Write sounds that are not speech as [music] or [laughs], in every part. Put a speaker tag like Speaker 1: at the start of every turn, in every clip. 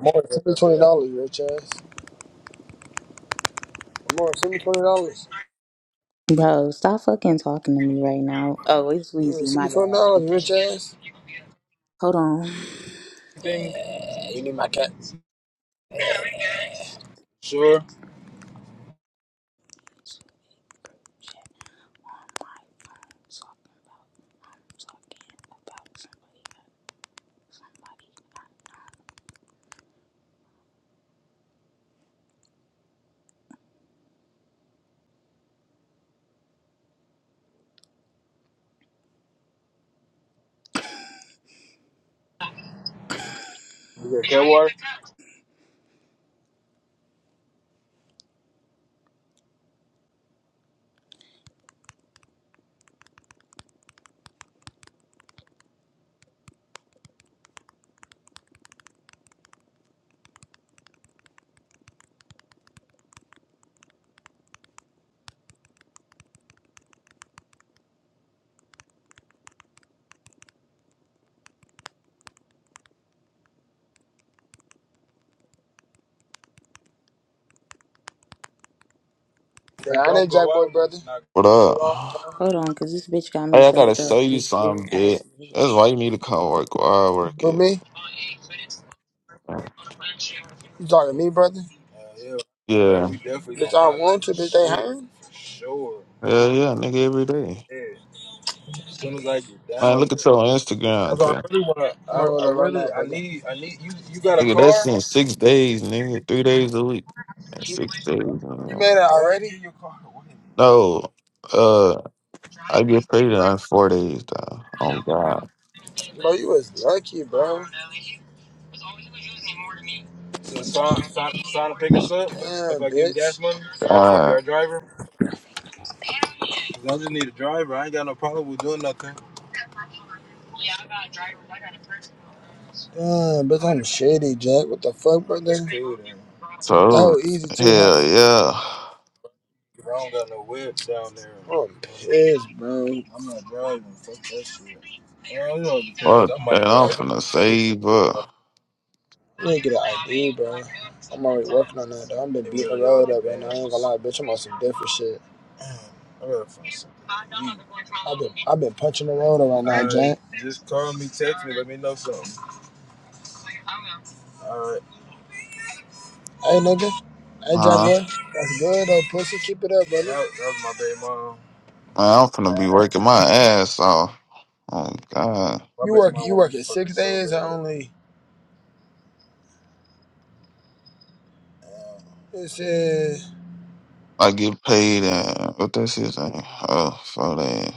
Speaker 1: More send me twenty dollars, you rich ass. More send me twenty dollars.
Speaker 2: Bro, stop fucking talking to me right now. Oh, it's
Speaker 1: Yeah,
Speaker 2: Wheezy.
Speaker 1: send
Speaker 2: My
Speaker 1: me twenty
Speaker 2: bad.
Speaker 1: dollars, you
Speaker 2: Okay.
Speaker 1: rich ass.
Speaker 2: Hold on. [sighs] Just
Speaker 1: Thing. Yeah, you need my cats.
Speaker 2: shit on my phone. Talking about, I'm talking about somebody or somebody.
Speaker 1: You got cat water? Yeah, I need Jack Boy, brother.
Speaker 3: What
Speaker 1: What you want,
Speaker 3: up?
Speaker 1: man?
Speaker 2: Hold on, because this bitch got me
Speaker 3: Hey, I gotta
Speaker 2: fucked
Speaker 3: show
Speaker 2: up.
Speaker 3: you
Speaker 2: This
Speaker 3: something,
Speaker 2: weird ass
Speaker 3: bitch. That's
Speaker 2: bitch.
Speaker 3: why you need to come work where I work
Speaker 1: Who
Speaker 3: at.
Speaker 1: me? You talking to me, brother? Yeah, yeah. Bro,
Speaker 3: Yeah.
Speaker 1: we definitely. Bitch, I want to. Bitch, they hiring. Sure.
Speaker 3: Hell yeah, nigga, every day.
Speaker 1: Yeah. As soon as I get
Speaker 3: Man,
Speaker 1: down
Speaker 3: look at
Speaker 1: there.
Speaker 3: your Instagram,
Speaker 1: That's what
Speaker 3: cuz.
Speaker 1: I really want. to. I, I really, I, run really- that, I brother. need. I need you. You got a
Speaker 3: Nigga, that's
Speaker 1: car?
Speaker 3: in six days, nigga. Three days a week. And six days.
Speaker 1: You
Speaker 3: man.
Speaker 1: made it already? Your car.
Speaker 3: No. Uh, I get paid on four days, though. Oh, God.
Speaker 1: Bro, you was lucky, bro. So Son, Son, Son pick us up. Yeah, If I give you bitch. gas money, he'd be
Speaker 3: God.
Speaker 1: our driver. 'Cause I just need a driver. I ain't got no problem with doing nothing. Damn, bitch, I'm shitty, Jack. What the fuck, brother? Shit, That
Speaker 3: So,
Speaker 1: was easy too, huh?
Speaker 3: hell
Speaker 1: I
Speaker 3: yeah.
Speaker 1: don't got no whip down there. I'm pissed, bro. I'm not driving. Fuck that shit. Well, you know, it depends.
Speaker 3: Fuck
Speaker 1: I
Speaker 3: that.
Speaker 1: might
Speaker 3: I'm
Speaker 1: drive. It
Speaker 3: finna
Speaker 1: depends.
Speaker 3: save up.
Speaker 1: to get an ID, though. I've been beating the really road up right now. I ain't gonna lie, bitch. I'm on some different shit. I gotta Gee, I've been I've been punching the road around now, All right, Jack. just call me, text me, know something. All right, Hey nigga. Hey Jack
Speaker 3: Huh?
Speaker 1: boy. That's good though, pussy. Keep it up, that, brother. that was my baby mom.
Speaker 3: Man, I'm finna be working my ass off. Oh, God.
Speaker 1: My You baby work mom you want me working fucking six so days or bad. only this is
Speaker 3: I get paid and what that shit thing. Oh, for that.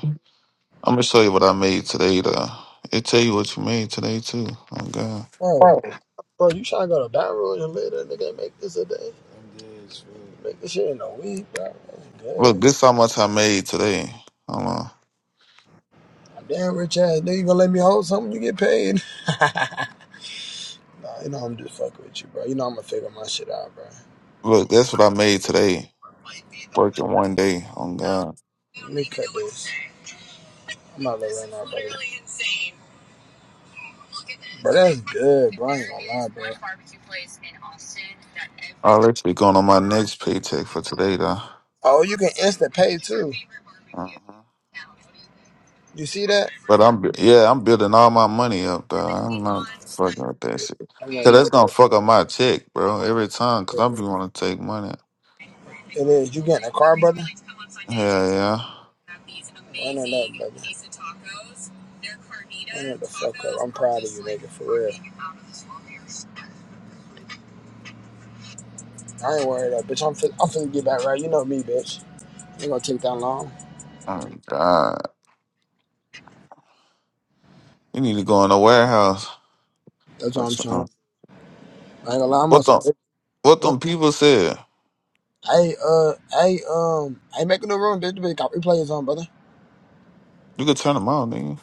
Speaker 3: I'm gonna show you what I made today though. It tell you what you made today too. Oh god.
Speaker 1: bro,
Speaker 3: Right.
Speaker 1: bro, you trying to go to Baton Rouge and live there? nigga make this a day? I'm dead as Make this shit in a week, bro. That's
Speaker 3: Look,
Speaker 1: good.
Speaker 3: this how much I made today. Hold on.
Speaker 1: I'm damn rich ass nigga. You gonna let me hold something? You get paid? [laughs] nah, you know I'm just fucking with you, bro. You know I'm gonna figure my shit out, bro.
Speaker 3: Look, that's what I made today. Working one day. Oh god.
Speaker 1: Let me cut this. I'm not letting that brother. But that's good, bro. I ain't gonna lie, bro.
Speaker 3: I'll actually going on my next paycheck for today though.
Speaker 1: Oh, you can instant pay too.
Speaker 3: Uh-huh.
Speaker 1: You see that?
Speaker 3: But I'm bu- yeah, I'm building all my money up though. I'm not fucking with that shit.
Speaker 1: I'm gonna
Speaker 3: Cause
Speaker 1: do
Speaker 3: that's gonna fuck up my check, bro. Every time, cause I be want to take money.
Speaker 1: that. It is. You getting a car, brother?
Speaker 3: Hell yeah.
Speaker 1: I know that, brother. I know the fuck up. I'm proud of you, nigga, for real. I ain't worried though, bitch. I'm fin- I'm finna get back right. You know me, bitch. Ain't gonna take that long.
Speaker 3: Oh God! You need to go in the warehouse.
Speaker 1: That's
Speaker 3: or
Speaker 1: all I'm trying.
Speaker 3: something.
Speaker 1: I ain't gonna lie, I'm on
Speaker 3: What
Speaker 1: some.
Speaker 3: the? What them people said?
Speaker 1: Hey, uh, hey, um, hey, making the room. This bitch got replays on, brother.
Speaker 3: You could turn them out, nigga.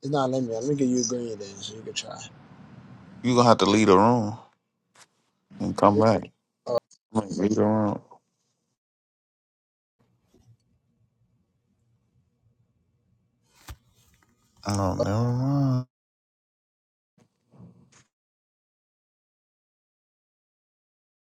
Speaker 1: It's not limited. Let me give you a green then, so you can try.
Speaker 3: You gonna have to leave the room and come
Speaker 1: Uh,
Speaker 3: back. I'm gonna Leave the room. Oh, never mind.